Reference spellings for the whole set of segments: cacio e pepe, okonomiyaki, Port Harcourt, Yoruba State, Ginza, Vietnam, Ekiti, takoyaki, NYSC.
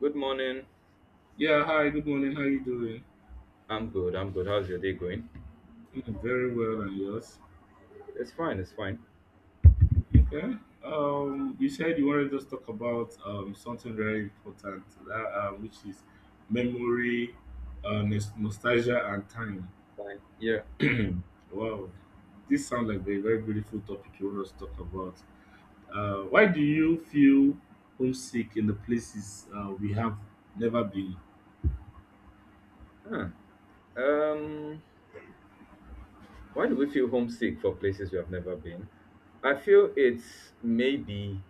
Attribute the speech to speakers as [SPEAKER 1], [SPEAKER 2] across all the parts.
[SPEAKER 1] Good morning.
[SPEAKER 2] Yeah, hi, good morning. How you doing?
[SPEAKER 1] I'm good. I'm good. How's your day going?
[SPEAKER 2] Mm, very well, and yours?
[SPEAKER 1] It's fine. It's fine.
[SPEAKER 2] Okay. You said you wanted us to talk about something very important, that which is memory, nostalgia, and time.
[SPEAKER 1] Fine. Yeah.
[SPEAKER 2] Wow, this sounds like a very beautiful topic you want us to talk about. Why do you feel homesick in the places we have never been?
[SPEAKER 1] Huh. Um. Why do we feel homesick for places we have never been? I feel it's maybe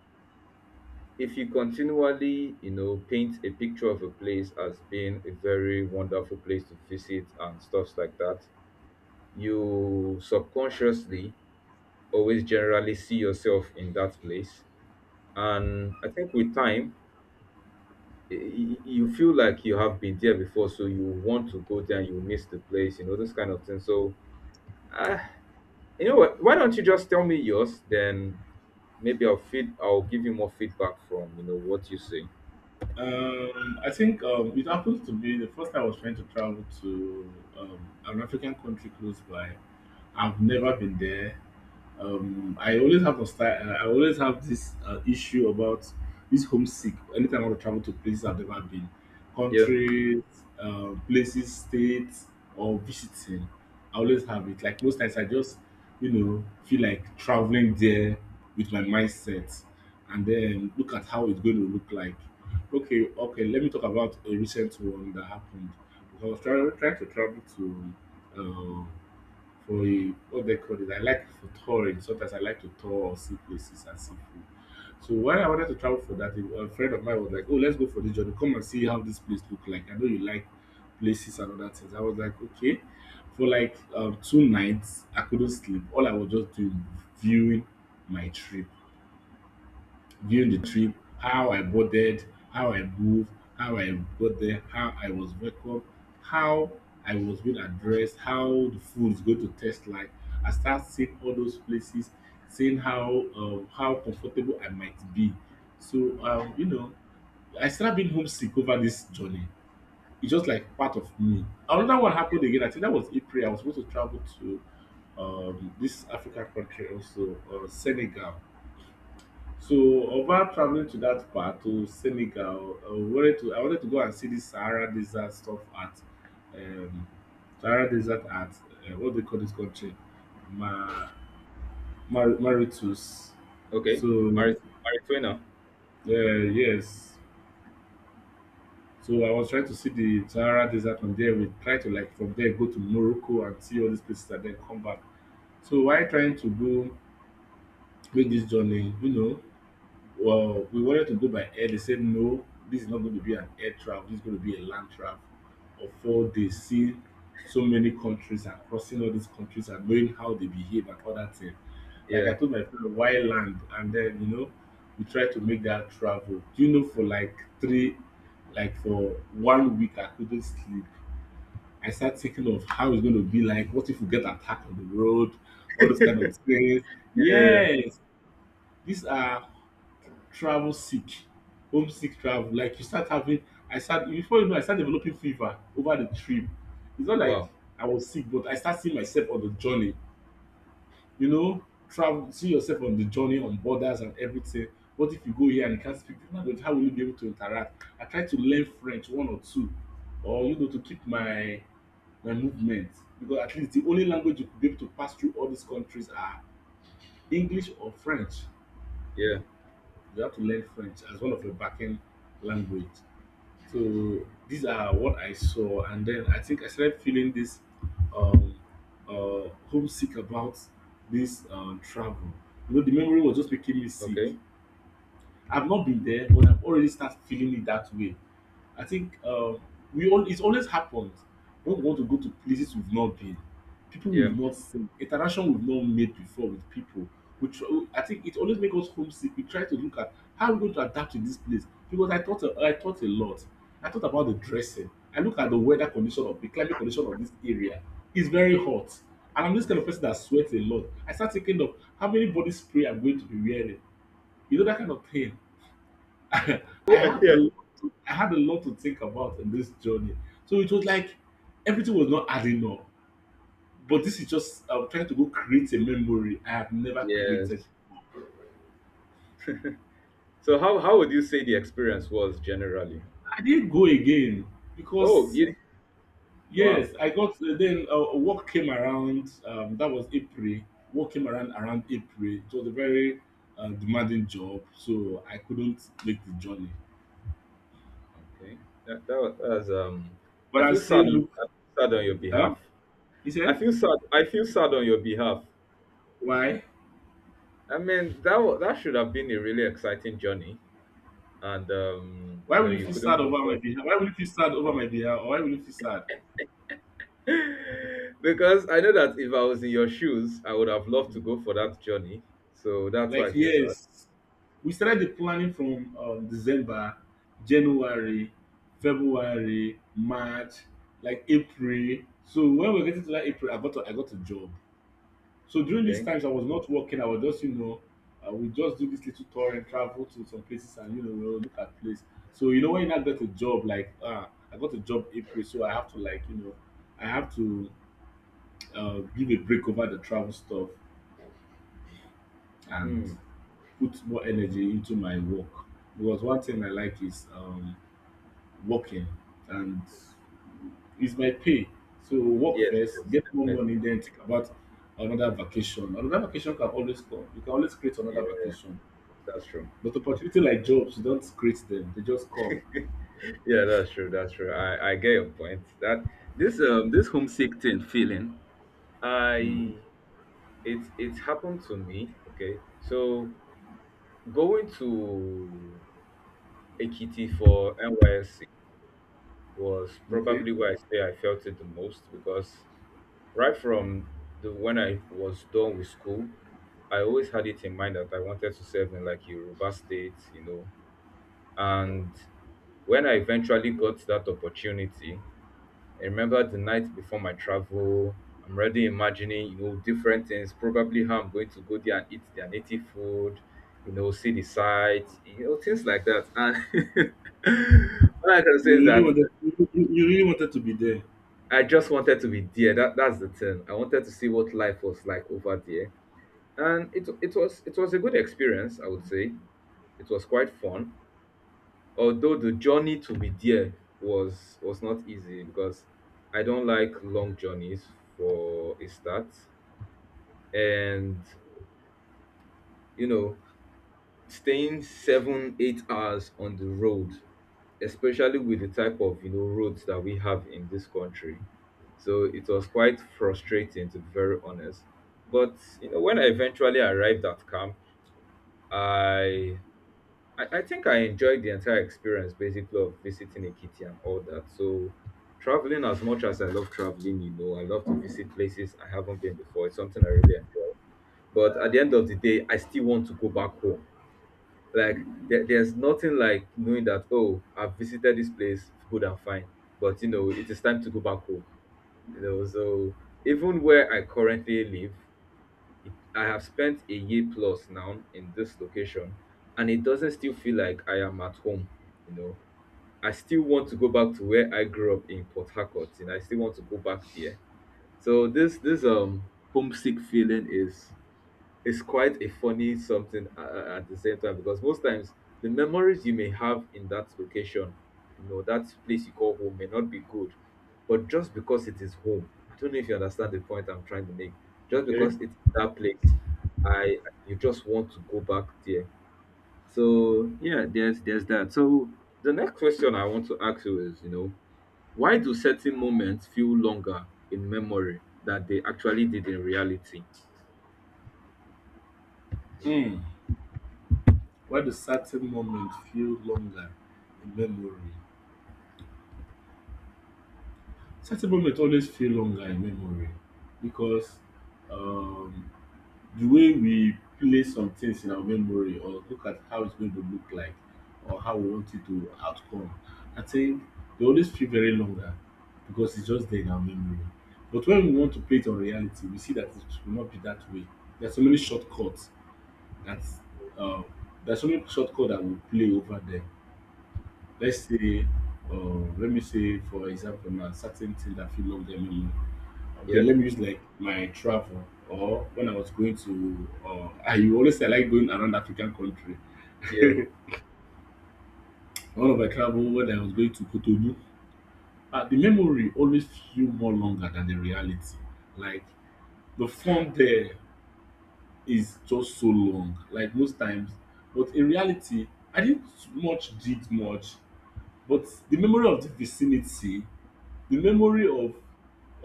[SPEAKER 1] if you continually, paint a picture of a place as being a very wonderful place to visit and stuffs like that, you subconsciously always generally see yourself in that place. And I think with time, you feel like you have been there before, so you want to go there and you miss the place, this kind of thing. So, uh, you know what? Why don't you just tell me yours? Then maybe I'll give you more feedback from what you say.
[SPEAKER 2] I think it happens to be the first time I was trying to travel to an African country close by. I've never been there I always have a style, I always have this issue about this homesick anytime I want to travel to places I've never been,
[SPEAKER 1] Yeah.
[SPEAKER 2] countries, places, states, or visiting. I always have it, like, most times I just, you know, feel like traveling there with my mindset and then look at how it's going to look like. Okay, okay, let me talk about a recent one that happened because I was trying to travel to um, for a, what they call it. I like, for touring. Sometimes I like to tour or see places and see food. So when I wanted to travel for that, a friend of mine was like, "Oh, let's go for the journey. Come and see how this place look like. I know you like places and other things." I was like, "Okay." For like two nights, I couldn't sleep. All I was just doing was viewing my trip, during the trip, how I boarded, how I moved, how I got there, how I was welcomed, how I was being addressed, how the food is going to taste like. I start seeing all those places, seeing how, how comfortable I might be. So, you know, I started being homesick over this journey. It's just like part of me. Another one happened again. I think that was April. I was supposed to travel to this African country also, Senegal. So, over traveling to that part, to Senegal, I wanted to go and see this Sahara Desert stuff at um, Sahara Desert at what do they call this country? Ma, Mauritius.
[SPEAKER 1] Okay.
[SPEAKER 2] So,
[SPEAKER 1] Mari Marijuana.
[SPEAKER 2] yes. So I was trying to see the Sahara Desert from there. We try to like from there go to Morocco and see all these places and then come back. So why trying to go make this journey, you know, well, we wanted to go by air. They said no, this is not going to be an air travel. This is going to be a land travel of 4 days, seeing so many countries and crossing all these countries and knowing how they behave and all that thing. Like
[SPEAKER 1] Yeah.
[SPEAKER 2] I told my friend, why land? And then, you know, we tried to make that travel. Do you know, for like three, like for 1 week, I couldn't sleep. I started thinking of how it's going to be like. What if we get attacked on the road? All those kind of things.
[SPEAKER 1] Yeah.
[SPEAKER 2] Yes, these are travel sick, homesick travel. Like you start having, I start, before you know, I start developing fever over the trip. It's not like
[SPEAKER 1] Wow.
[SPEAKER 2] I was sick, but I start seeing myself on the journey. You know, travel, see yourself on the journey, on borders and everything. What if you go here and you can't speak the language? How will you be able to interact? I try to learn French, one or two, or you know, to keep my movement because at least the only language you could be able to pass through all these countries are English or French.
[SPEAKER 1] Yeah.
[SPEAKER 2] You have to learn French as one of your backend language. So these are what I saw, and then I think I started feeling this um, homesick about this travel. You know, the memory was just making me sick.
[SPEAKER 1] Okay.
[SPEAKER 2] I've not been there, but I've already started feeling it that way. I think we all, it always happens when we want to go to places we've not been, people
[SPEAKER 1] Yeah.
[SPEAKER 2] we've not seen, interaction we've not made before with people. We try, I think it always makes us homesick. We try to look at how we're going to adapt in this place because I thought a lot. I thought about the dressing. I look at the weather condition of the climate condition of this area. It's very hot, and I'm this kind of person that sweats a lot. I start thinking of how many body spray I'm going to be wearing. You know that kind of thing. I had a
[SPEAKER 1] yeah.
[SPEAKER 2] lot I had a lot to think about in this journey. So it was like everything was not adding up. But this is just I'm trying to go create a memory I have never created.
[SPEAKER 1] Yes. So how would you say the experience was generally?
[SPEAKER 2] I didn't go again
[SPEAKER 1] Oh,
[SPEAKER 2] because
[SPEAKER 1] you, wow.
[SPEAKER 2] yes, I got then work came around. That was April. Work came around, around April. It was a very demanding job, so I couldn't make the journey.
[SPEAKER 1] Okay. That was.
[SPEAKER 2] But
[SPEAKER 1] I
[SPEAKER 2] I
[SPEAKER 1] feel sad.
[SPEAKER 2] still look.
[SPEAKER 1] I feel sad on your
[SPEAKER 2] Huh?
[SPEAKER 1] behalf.
[SPEAKER 2] He
[SPEAKER 1] I
[SPEAKER 2] said,
[SPEAKER 1] feel sad. I feel sad on your behalf.
[SPEAKER 2] "Why?"
[SPEAKER 1] I mean, that should have been a really exciting journey, and
[SPEAKER 2] Why will you
[SPEAKER 1] you
[SPEAKER 2] feel
[SPEAKER 1] couldn't
[SPEAKER 2] sad
[SPEAKER 1] go
[SPEAKER 2] over
[SPEAKER 1] for
[SPEAKER 2] my
[SPEAKER 1] it
[SPEAKER 2] behalf? Why will you feel sad over my behalf? Or why will you feel sad?
[SPEAKER 1] because I know that if I was in your shoes, I would have loved to go for that journey. So that's why
[SPEAKER 2] Like,
[SPEAKER 1] I feel sad.
[SPEAKER 2] yes, we started the planning from December, January, February, March, like April. So when we're getting to that April, I got a job. So during these
[SPEAKER 1] Okay.
[SPEAKER 2] times, I was not working. I was just, you know, we just do this little tour and travel to some places and you know we'll look at place. So you know when I got a job, like ah, I got a job April, so I have to, like, you know, I have to give a break over the travel stuff and
[SPEAKER 1] Hmm.
[SPEAKER 2] put more energy into my work because one thing I like is working, and it's my pay. So work
[SPEAKER 1] Yes.
[SPEAKER 2] first,
[SPEAKER 1] Yes.
[SPEAKER 2] get more
[SPEAKER 1] Definitely.
[SPEAKER 2] money, then think about another vacation. Another vacation can always come. You can always create another
[SPEAKER 1] Yeah,
[SPEAKER 2] vacation.
[SPEAKER 1] that's true.
[SPEAKER 2] But opportunity like jobs, you don't create them; they just come.
[SPEAKER 1] Yeah, that's true. That's true. I get your point. That this homesick thing feeling,
[SPEAKER 2] Mhm.
[SPEAKER 1] I it it happened to me. Okay, so going to Ekiti for NYSC was
[SPEAKER 2] Okay,
[SPEAKER 1] probably where I say I felt it the most because right from the when I was done with school, I always had it in mind that I wanted to serve in like Yoruba State. And when I eventually got that opportunity, I remember the night before my travel, I'm already imagining, different things, probably how I'm going to go there and eat their native food, see the sights, things like that. And all I can say
[SPEAKER 2] you
[SPEAKER 1] is
[SPEAKER 2] really
[SPEAKER 1] that
[SPEAKER 2] wanted, you really wanted to be there.
[SPEAKER 1] I just wanted to be there. That's the thing. I wanted to see what life was like over there, and it was a good experience. I would say it was quite fun. Although the journey to be there was not easy because I don't like long journeys for a start, and you know staying 7-8 hours on the road, especially with the type of roads that we have in this country. So it was quite frustrating, to be very honest. But you know, when I eventually arrived at camp, I I think I enjoyed the entire experience, basically, of visiting Ikiti and all that. So traveling, as much as I love traveling, you know, I love to visit places I haven't been before. It's something I really enjoy. But at the end of the day, I still want to go back home. Like there's nothing like knowing that, oh, I've visited this place, good and fine, but it is time to go back home. You know, so even where I currently live, I have spent a year plus now in this location, and it doesn't still feel like I am at home. You know, I still want to go back to where I grew up in Port Harcourt, and I still want to go back there. So this homesick feeling is, it's quite a funny something, at the same time, because most times the memories you may have in that location, that place you call home, may not be good, but just because it is home. I don't know if you understand the point I'm trying to make. Just
[SPEAKER 2] Okay.
[SPEAKER 1] because it's that place, I you just want to go back there. So yeah, there's that. So the next question I want to ask you is, why do certain moments feel longer in memory that they actually did in reality?
[SPEAKER 2] Hmm. Why do certain moments feel longer in memory? Certain moments always feel longer in memory because um the way we place some things in our memory or look at how it's going to look like or how we want it to outcome, I think they always feel very longer because it's just there in our memory. But when we want to play it on reality, we see that it will not be that way. There are so many shortcuts that uh, there are so many shortcuts that we play over there. Let's say, uh, let me say, for example, now certain things that feel longer in memory. Okay,
[SPEAKER 1] Yeah,
[SPEAKER 2] let me use like my travel, or when I was going to I, you always say I like going around African country.
[SPEAKER 1] yeah,
[SPEAKER 2] One of my travel when I was going to Cotonou, the memory always feel more longer than the reality. Like the fun there is just so long, like most times. But in reality, I didn't much did much. But the memory of the vicinity, the memory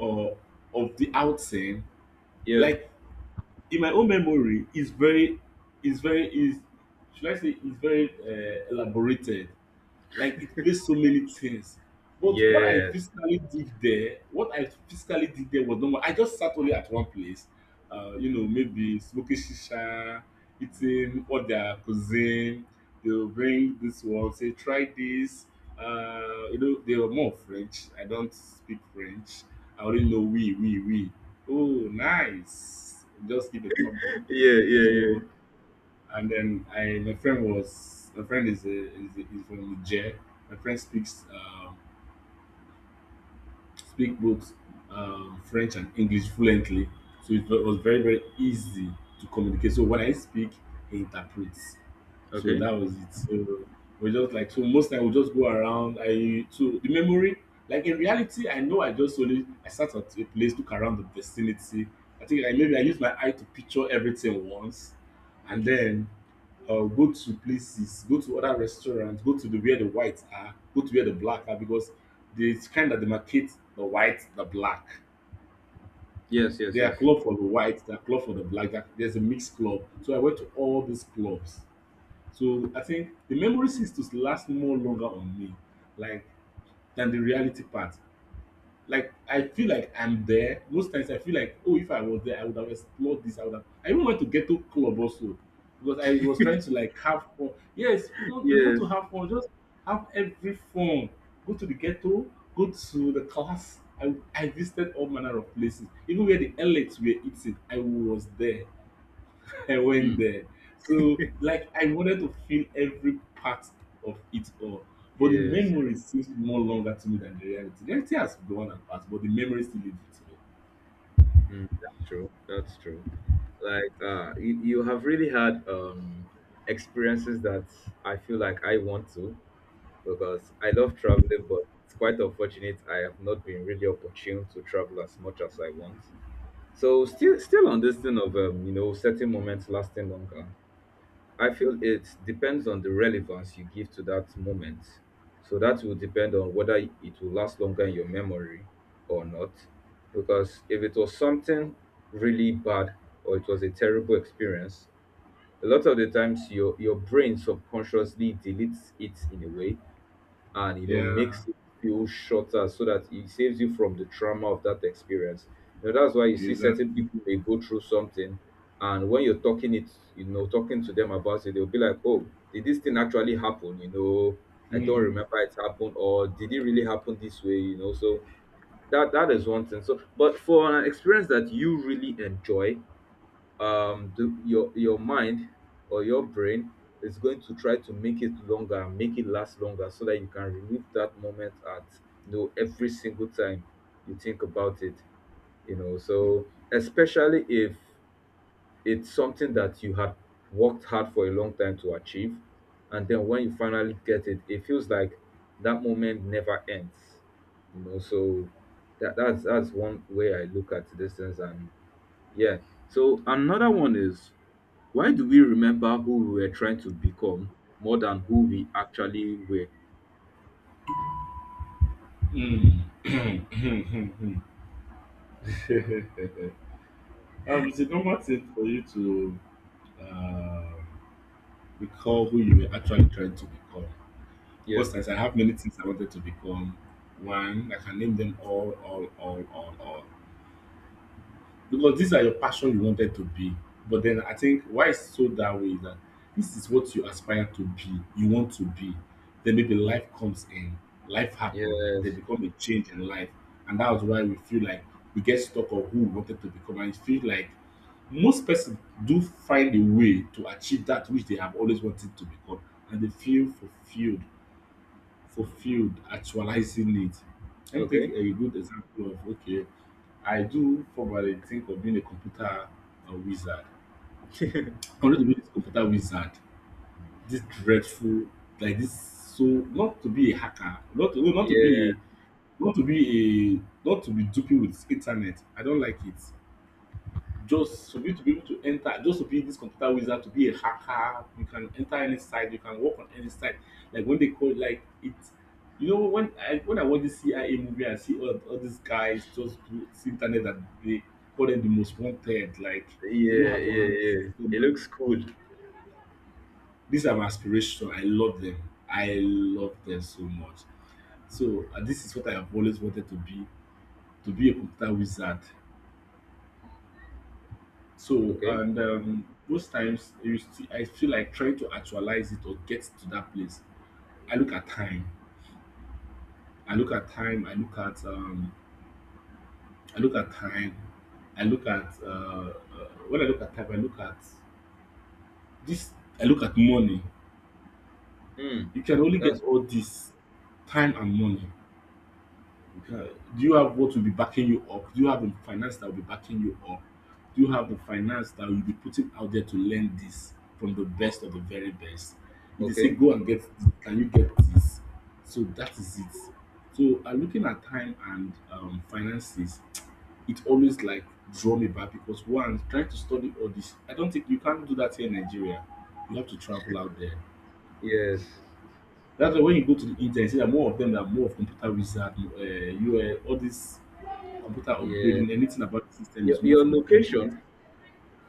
[SPEAKER 2] uh, of the outing,
[SPEAKER 1] yeah.
[SPEAKER 2] like in my own memory is very, is very is should I say is very elaborated, like it plays so many things. But what I
[SPEAKER 1] Yes.
[SPEAKER 2] physically did there, what I physically did there was normal. I just sat only at one place, you know, maybe smoking shisha, eating all their cuisine. They'll bring this one, say, try this. You know, they were more French. I don't speak French. I only know we, we. Oh, nice. Just give a thumb
[SPEAKER 1] Yeah,
[SPEAKER 2] up.
[SPEAKER 1] yeah,
[SPEAKER 2] So
[SPEAKER 1] yeah.
[SPEAKER 2] and then I my friend was my friend is is from Niger. My friend speaks speak both French and English fluently, so it was very very easy to communicate. So when I speak, he interprets. So
[SPEAKER 1] Okay.
[SPEAKER 2] that was it. So we just like, so most time we just go around. I, so the memory, like in reality, I know I just only I sat at a place, look around the vicinity. I think I maybe I used my eye to picture everything once, and then go to places, go to other restaurants, go to the where the whites are, go to where the black are because they kind of demarcate the white, the black.
[SPEAKER 1] Yes, yes,
[SPEAKER 2] They are
[SPEAKER 1] yes.
[SPEAKER 2] club for the white, they are club for the black. There's a mixed club. So I went to all these clubs. So I think the memory seems to last more longer on me, like, than the reality part. Like I feel like I'm there. Most times I feel like, oh, if I was there, I would have explored this. I would have. I even went to ghetto club also because I was trying to like have fun. Yes, you want to
[SPEAKER 1] Yes.
[SPEAKER 2] have fun, just have every fun. Go to the ghetto. Go to the class. I visited all manner of places, even where the elites were eating. I was there. I went
[SPEAKER 1] Mm.
[SPEAKER 2] there. So like I wanted to feel every part of it all. But the
[SPEAKER 1] Yes.
[SPEAKER 2] memory seems more longer to me than the reality. The reality has gone and passed, but the memory still lives with me.
[SPEAKER 1] Mm, that's true. That's true. Like you have really had experiences that I feel like I want to, because I love traveling, but it's quite unfortunate I have not been really opportune to travel as much as I want. So still on this thing of, certain moments lasting longer. I feel it depends on the relevance you give to that moment. So that will depend on whether it will last longer in your memory or not. Because if it was something really bad, or it was a terrible experience, a lot of the times your brain subconsciously deletes it in a way, and
[SPEAKER 2] Yeah,
[SPEAKER 1] makes it feel shorter, so that it saves you from the trauma of that experience. You know, that's why you see certain
[SPEAKER 2] exactly.
[SPEAKER 1] people may go through something, and when you're talking to them about it, they'll be like, "Oh, did this thing actually happen?" "I don't
[SPEAKER 2] Mm,
[SPEAKER 1] remember it happened," or "Did it really happen this way? So that is one thing. So but for an experience that you really enjoy, do your mind, or your brain, is going to try to make it last longer, so that you can relive that moment at every single time you think about it so, especially if it's something that you had worked hard for a long time to achieve, and then when you finally get it, it feels like that moment never ends so that's one way I look at these things. And yeah, so another one is, why do we remember who we were trying to become more than who we actually were?
[SPEAKER 2] mm. It's a normal thing for you to uh, recall who you were actually trying to become.
[SPEAKER 1] Yeah.
[SPEAKER 2] Most times, I have many things I wanted to become. One, I can name them all, all. Because these are your passion you wanted to be. But then I think why it's so that way is that this is what you aspire to be, you want to be. Then maybe life comes in, life happens, there
[SPEAKER 1] Yes.
[SPEAKER 2] become a change in life. And that was why we feel like we get stuck on who we wanted to become. And it feels like most persons do find a way to achieve that which they have always wanted to become and they feel fulfilled, actualizing it. Let me take
[SPEAKER 1] Okay.
[SPEAKER 2] a good example of okay, I do probably think of being a computer wizard. I wanted to be this computer wizard, this dreadful, like this. So not to be a hacker, not to, no, not to be
[SPEAKER 1] Yeah.
[SPEAKER 2] a, not to be not to be duping with internet. I don't like it. Just for you to be able to enter, just to be this computer wizard, to be a hacker, you can enter any site, you can work on any site. Like when they call, like it, you know, when I watch this CIA movie, I see all these guys just do it's internet that they call them the most wanted. Like they know
[SPEAKER 1] Yeah.
[SPEAKER 2] how to
[SPEAKER 1] Yeah.
[SPEAKER 2] handle
[SPEAKER 1] Yeah.
[SPEAKER 2] them.
[SPEAKER 1] It looks cool.
[SPEAKER 2] These are my aspirations. I love them. I love them so much. So this is what I have always wanted to be a computer wizard. So,
[SPEAKER 1] Okay.
[SPEAKER 2] and most times you still, I feel like trying to actualize it or get to that place. I look at time. I look at time. I look at time. I look at when I look at time. I look at this. I look at money.
[SPEAKER 1] Hmm.
[SPEAKER 2] You can only get
[SPEAKER 1] That's
[SPEAKER 2] all this time and money. Uh, do you have what will be backing you up? Do you have the finance that will be backing you up? Do you have the finance that will be putting out there to learn this from the best of the very best? If they say
[SPEAKER 1] okay.
[SPEAKER 2] go and get, can you get this? So that is it. So looking at time and finances, it always like draw me back because one trying to study all this, I don't think you can't do that here in Nigeria. You have to travel out there.
[SPEAKER 1] Yes.
[SPEAKER 2] That's why when you go to the internet, you see that more of them are more of computer wizard, you all these computer
[SPEAKER 1] Yeah.
[SPEAKER 2] upgrading, anything about the system
[SPEAKER 1] Your,
[SPEAKER 2] is more
[SPEAKER 1] your
[SPEAKER 2] from the internet.
[SPEAKER 1] location.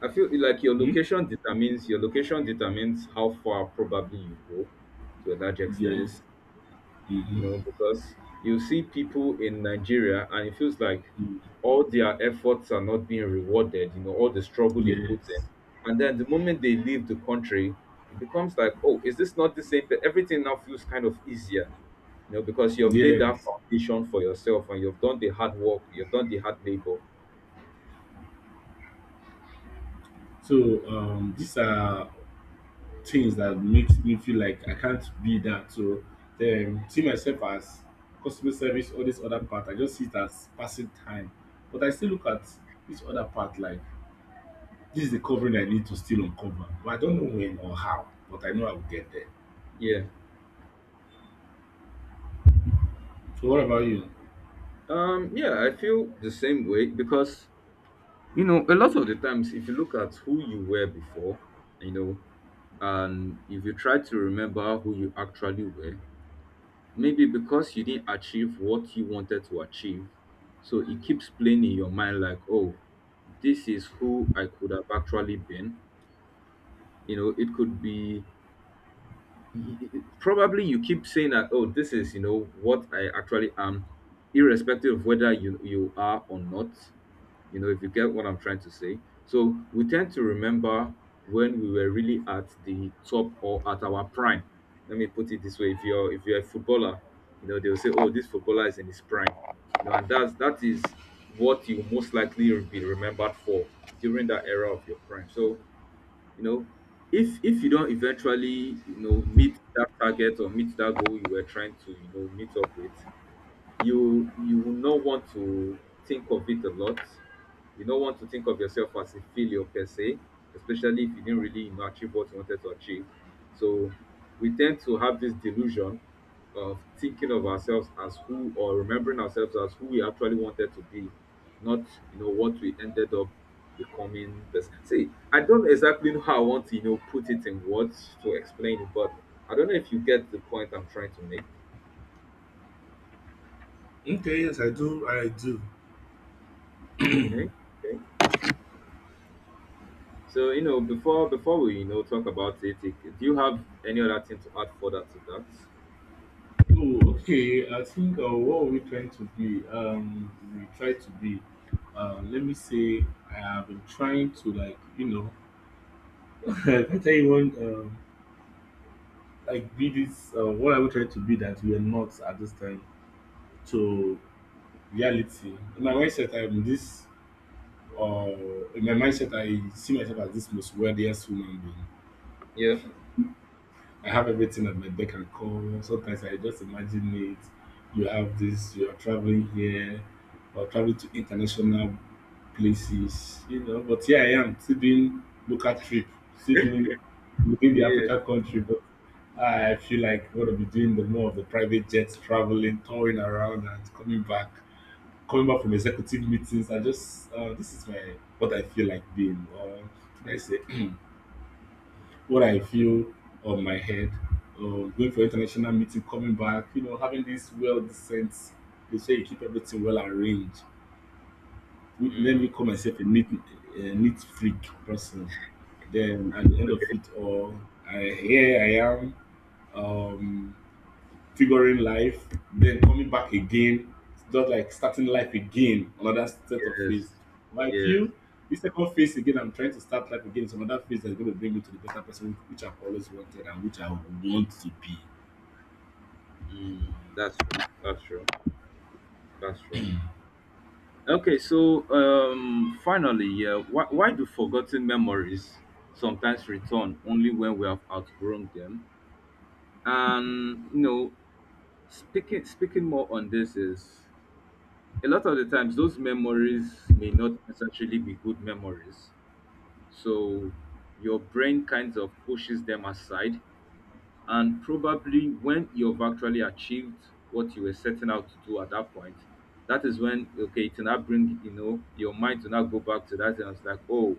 [SPEAKER 1] I feel like your
[SPEAKER 2] Hmm?
[SPEAKER 1] location determines your location determines how far probably you go, to a large extent.
[SPEAKER 2] Yes.
[SPEAKER 1] You
[SPEAKER 2] Mm-hmm.
[SPEAKER 1] know, because you see people in Nigeria, and it feels like
[SPEAKER 2] Mm.
[SPEAKER 1] all their efforts are not being rewarded, all the struggle they put in.
[SPEAKER 2] Yes.
[SPEAKER 1] And then the moment they leave the country, it becomes like, oh, is this not the same? But everything now feels kind of easier, you know, because you've laid that
[SPEAKER 2] Yes.
[SPEAKER 1] foundation for yourself, and you've done the hard work, you've done the hard labor.
[SPEAKER 2] So these are things that makes me feel like I can't be that. So see myself as customer service, all this other part. I just see it as passing time. But I still look at this other part like this is the covering I need to still uncover. But I don't know when or how, but I know I will get there.
[SPEAKER 1] Yeah.
[SPEAKER 2] So what about you?
[SPEAKER 1] Yeah, I feel the same way because a lot of the times, if you look at who you were before, you know, and if you try to remember who you actually were, maybe because you didn't achieve what you wanted to achieve, so it keeps playing in your mind like, oh, this is who I could have actually been. You know, it could be probably you keep saying that, oh, this is, you know, what I actually am, irrespective of whether you are or not. You know, if you get what I'm trying to say. So we tend to remember when we were really at the top or at our prime. Let me put it this way: if you're a footballer, they'll say, "Oh, this footballer is in his prime," you know, and that is what you most likely be remembered for during that era of your prime. So you know, if you don't eventually meet that target or meet that goal you were trying to meet up with, you will not want to think of it a lot. You don't want to think of yourself as a failure per se, especially if you didn't really achieve what you wanted to achieve. So we tend to have this delusion of thinking of ourselves as who, or remembering ourselves as who we actually wanted to be, not what we ended up becoming. This. See, I don't exactly know how I want to put it in words to explain it, but I don't know if you get the point I'm trying to make.
[SPEAKER 2] Okay, yes, I do. I do.
[SPEAKER 1] Okay. Okay. So before we talk about it, do you have any other thing to add further to that?
[SPEAKER 2] Oh, okay. I think what we trying to be, we try to be. Let me say, I have been trying to like, you know, I can tell you one, like be this. What I we trying to be that we are not at this time to reality. In my mindset, I'm this. In my mindset, I see myself as this most wealthiest human being.
[SPEAKER 1] Yeah.
[SPEAKER 2] I have everything at my beck and call. Sometimes I just imagine it. You have this, you are traveling here or traveling to international places, you know. But here I am, still doing local trip, still doing within the
[SPEAKER 1] Yeah.
[SPEAKER 2] Africa country. But I feel like I'm going to be doing the more of the private jets, traveling, touring around, and coming back from executive meetings. I just this is my what I feel like being, or should I say? What I feel on my head, or going for international meeting, coming back, you know, having this well decent. They say you keep everything well arranged. Let
[SPEAKER 1] Mm,
[SPEAKER 2] me call myself a neat freak person. Then at the end of
[SPEAKER 1] okay.
[SPEAKER 2] it all, I, here I am. Um, Figuring life, then coming back again, just like starting life again, another set of
[SPEAKER 1] Yes.
[SPEAKER 2] phase. But
[SPEAKER 1] Yes.
[SPEAKER 2] I this second phase again, I'm trying to start life again, is another phase that's going to bring me to the better person which I've always wanted and which I want to be.
[SPEAKER 1] Mm, that's true. That's true. That's true. Okay. So finally, yeah. Why do forgotten memories sometimes return only when we have outgrown them? And speaking more on this is, a lot of the times those memories may not necessarily be good memories. So your brain kind of pushes them aside. And probably when you've actually achieved what you were setting out to do at that point, that is when, okay, it'll not bring your mind to not go back to that. And it's like, oh,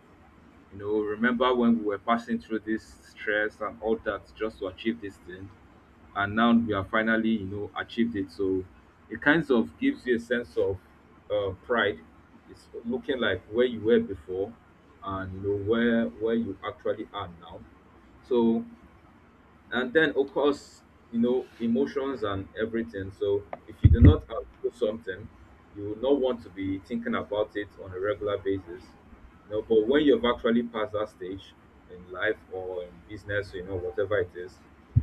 [SPEAKER 1] remember when we were passing through this stress and all that just to achieve this thing? And now we have finally achieved it, so it kind of gives you a sense of pride. It's looking like where you were before and where you actually are now. So, and then of course, you know, emotions and everything. So if you do not outgrow something, you will not want to be thinking about it on a regular basis, you know. But when you've actually passed that stage in life or in business, you know, whatever it is,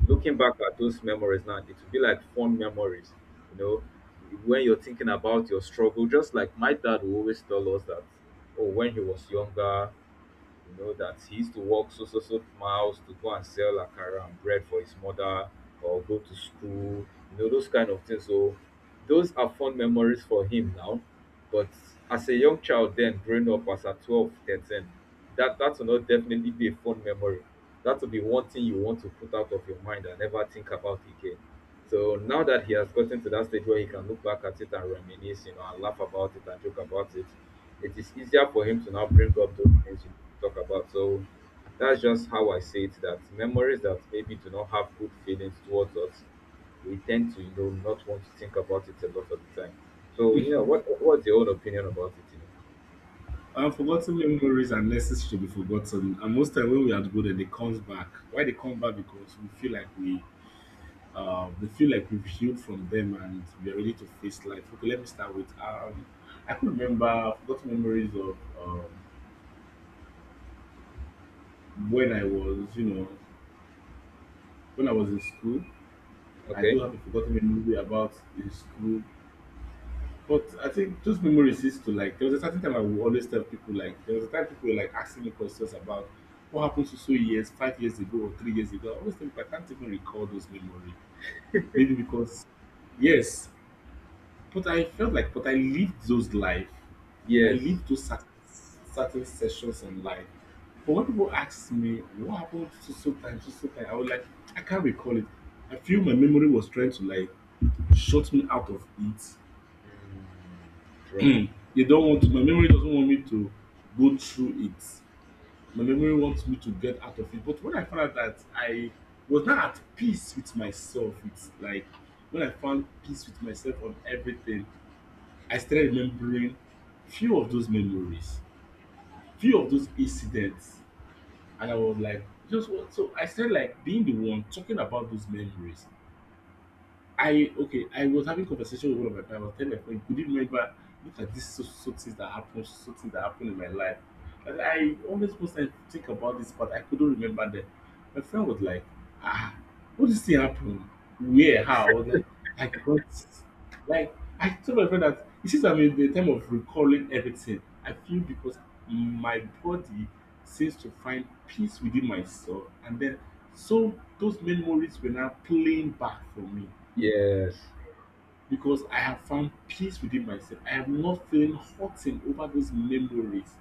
[SPEAKER 1] looking back at those memories now, it will be like fond memories, you know, when you're thinking about your struggle. Just like my dad will always tell us that, oh, when he was younger, you know, that he used to walk so so so miles to go and sell akara and bread for his mother or go to school, you know, those kind of things. So those are fond memories for him now. But as a young child then growing up as at 12, 13, that will not definitely be a fond memory. That will be one thing you want to put out of your mind and never think about again. So now that he has gotten to that stage where he can look back at it and reminisce, you know, and laugh about it and joke about it, it is easier for him to now bring up those things you talk about. So that's just how I say it, that memories that maybe do not have good feelings towards us, we tend to, you know, not want to think about it a lot of the time. So, you know, what's your own opinion about it, you know?
[SPEAKER 2] And forgotten memories are necessary to be forgotten. And most time when we are good and they comes back. Why they come back? Because we feel like we they feel like we've healed from them and we are ready to face life. Okay, let me start with I could remember forgotten memories of when I was, you know, when I was in school. I do
[SPEAKER 1] Okay.
[SPEAKER 2] have a forgotten memory about in school, but I think those memories used to like. There was a certain time I would always tell people like there was a time people were like asking me questions about what happened to so years, 5 years ago or 3 years ago. I always tell people I can't even recall those memories. Maybe because yes, but I felt like but I lived those life. I
[SPEAKER 1] Yes.
[SPEAKER 2] lived those certain, certain sessions in life. But when people ask me what happened so so time, I was like, I can't recall it. I feel my memory was trying to like shut me out of it.
[SPEAKER 1] True.
[SPEAKER 2] They don't want to, my memory doesn't want me to go through it. My memory wants me to get out of it. But when I found out that I was not at peace with myself, it's like when I found peace with myself on everything, I started remembering few of those memories, few of those incidents and I was like, just what? So I said, like being the one talking about those memories I okay, I was having conversation with one of my friends. I was telling my friend, could you remember look at this so, so things that happened, so things that happened in my life. And I always was like think about this, but I couldn't remember them. My friend was like, ah, what this thing happen? Where? How? I was like, I got like I told my friend that it seems I'm in the time of recalling everything. I feel because my body seems to find peace within myself and then so those memories were now playing back for me
[SPEAKER 1] Yes.
[SPEAKER 2] because I have found peace within myself. I am not feeling hurting over those memories.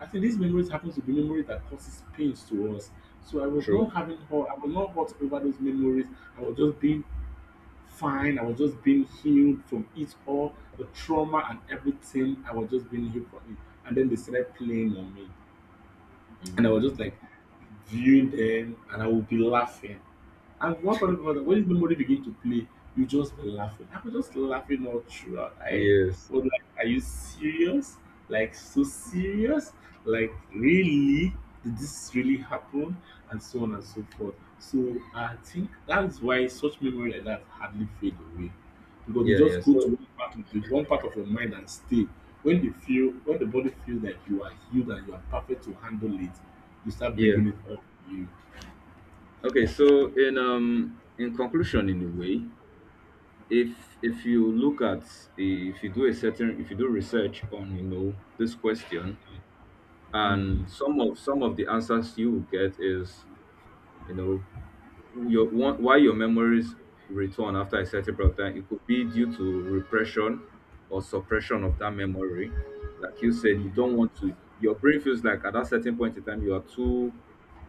[SPEAKER 2] I think these memories happen to be memories that causes pains to us. So I was
[SPEAKER 1] True.
[SPEAKER 2] not having hurt. I was not hurt over those memories. I was just being fine. I was just being healed from it all, the trauma and everything. I was just being healed from it. And then they started playing on me. And I was just
[SPEAKER 1] Mm.
[SPEAKER 2] like viewing them and I would be laughing. And one funny part, when this memory begin to play, you just be laughing. I was just laughing all throughout. I
[SPEAKER 1] Yes.
[SPEAKER 2] was like, are you serious? Like so serious? Like really? Did this really happen? And so on and so forth. So I think that's why such memory like that hardly fade away. Because they
[SPEAKER 1] Yeah, yeah.
[SPEAKER 2] just go
[SPEAKER 1] So
[SPEAKER 2] to one part of your mind and stay. When they feel when the body feels that you are healed and you are perfect to handle it, you start
[SPEAKER 1] yeah.
[SPEAKER 2] bringing it up. You,
[SPEAKER 1] Okay, so in conclusion, in a way, if you look at if you do a certain if you do research on, you know, this question,
[SPEAKER 2] mm,
[SPEAKER 1] and some of the answers you will get is, you know, your one, why your memories return after a certain period of time. It could be due to repression or suppression of that memory. Like you said, you don't
[SPEAKER 2] mm.
[SPEAKER 1] want to. Your brain feels like at that certain point in time you are too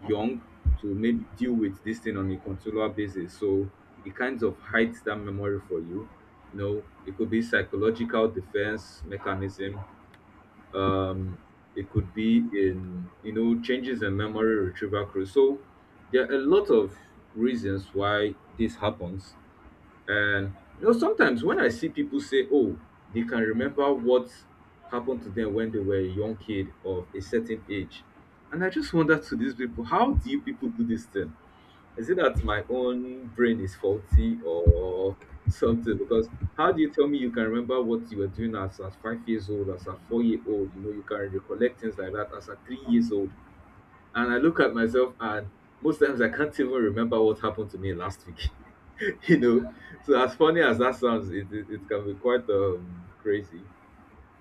[SPEAKER 1] young to maybe deal with this thing on a continual basis. So it kind of hides that memory for you. You know, it could be psychological defense mechanism, um it could be in, you know, changes in memory retrieval crew. So there are a lot of reasons why this happens, and you know sometimes when I see people say, oh, they can remember what happened to them when they were a young kid of a certain age, and I just wonder to these people, how do you people do this thing? Is it that my own brain is faulty or something? Because how do you tell me you can remember what you were doing as at 5 years old, as a 4 year old? You know, you can recollect things like that as a 3 years old. And I look at myself, and most times I can't even remember what happened to me last week. You know, so as funny as that sounds, it can be quite crazy.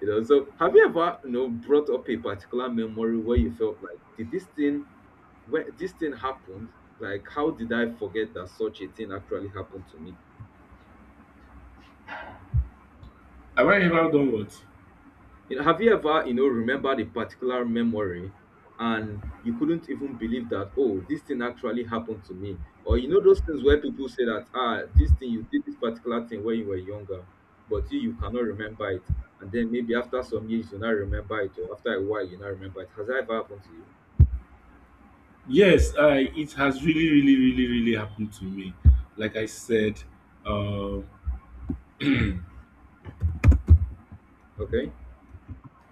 [SPEAKER 1] You know, so have you ever, you know, brought up a particular memory where you felt like, did this thing, when this thing happened, like how did I forget that such a thing actually happened to me?
[SPEAKER 2] Have I ever done what?
[SPEAKER 1] You know, have you ever, you know, remembered a particular memory and you couldn't even believe that, oh, this thing actually happened to me? Or you know those things where people say that, ah, this thing you did, this particular thing when you were younger, but you cannot remember it, and then maybe after some years you now remember it, or after a while you now remember it? Has that ever happened to you?
[SPEAKER 2] Yes, I. It has really, really, really, really happened to me. Like I said, um,
[SPEAKER 1] Okay.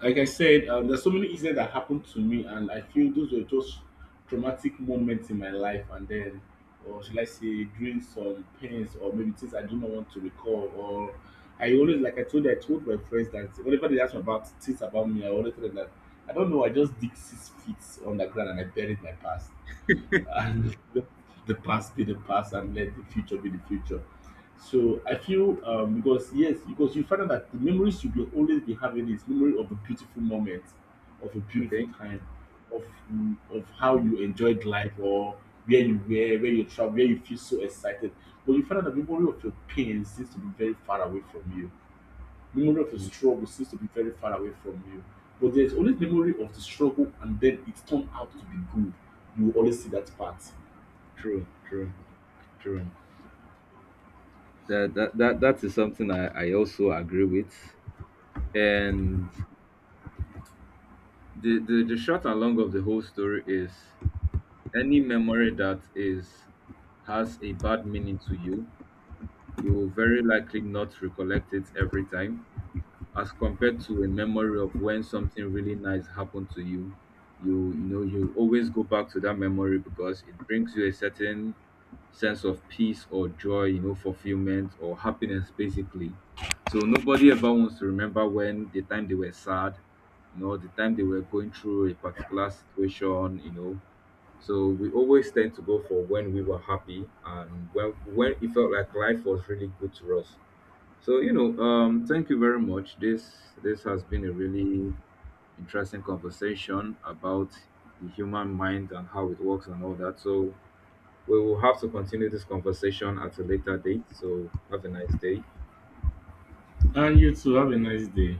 [SPEAKER 2] there's so many incidents that happened to me, and I feel those were just traumatic moments in my life. And then, or should I say, during some pains or maybe things I do not want to recall. Or I always, like I told you, I told my friends that whenever they ask me about things about me, I always tell them that I don't know. I just dig 6 feet on the ground and I buried my past and let the past be the past and let the future be the future. So I feel because yes, because you find out that the memories you will always be having is memory of a beautiful moment, of a beautiful
[SPEAKER 1] Okay.
[SPEAKER 2] time, of mm, of how you enjoyed life or where you were, where you travel, where you feel so excited. But you find out that memory of your pain seems to be very far away from you. Memory of your
[SPEAKER 1] Mm.
[SPEAKER 2] struggle seems to be very far away from you. But there's always memory of the struggle and then it turned out to be good. You will always see that part.
[SPEAKER 1] True, true, true. That is something I also agree with. And the short and long of the whole story is, any memory that is has a bad meaning to you, you will very likely not recollect it every time, as compared to a memory of when something really nice happened to you. You know, you always go back to that memory because it brings you a certain sense of peace or joy, you know, fulfillment or happiness, basically. So nobody ever wants to remember when the time they were sad, you know, the time they were going through a particular situation, you know. So we always tend to go for when we were happy and when it felt like life was really good to us. So, you know, thank you very much. This has been a really interesting conversation about the human mind and how it works and all that. So we will have to continue this conversation at a later date. So have a nice day.
[SPEAKER 2] And you too, have a nice day.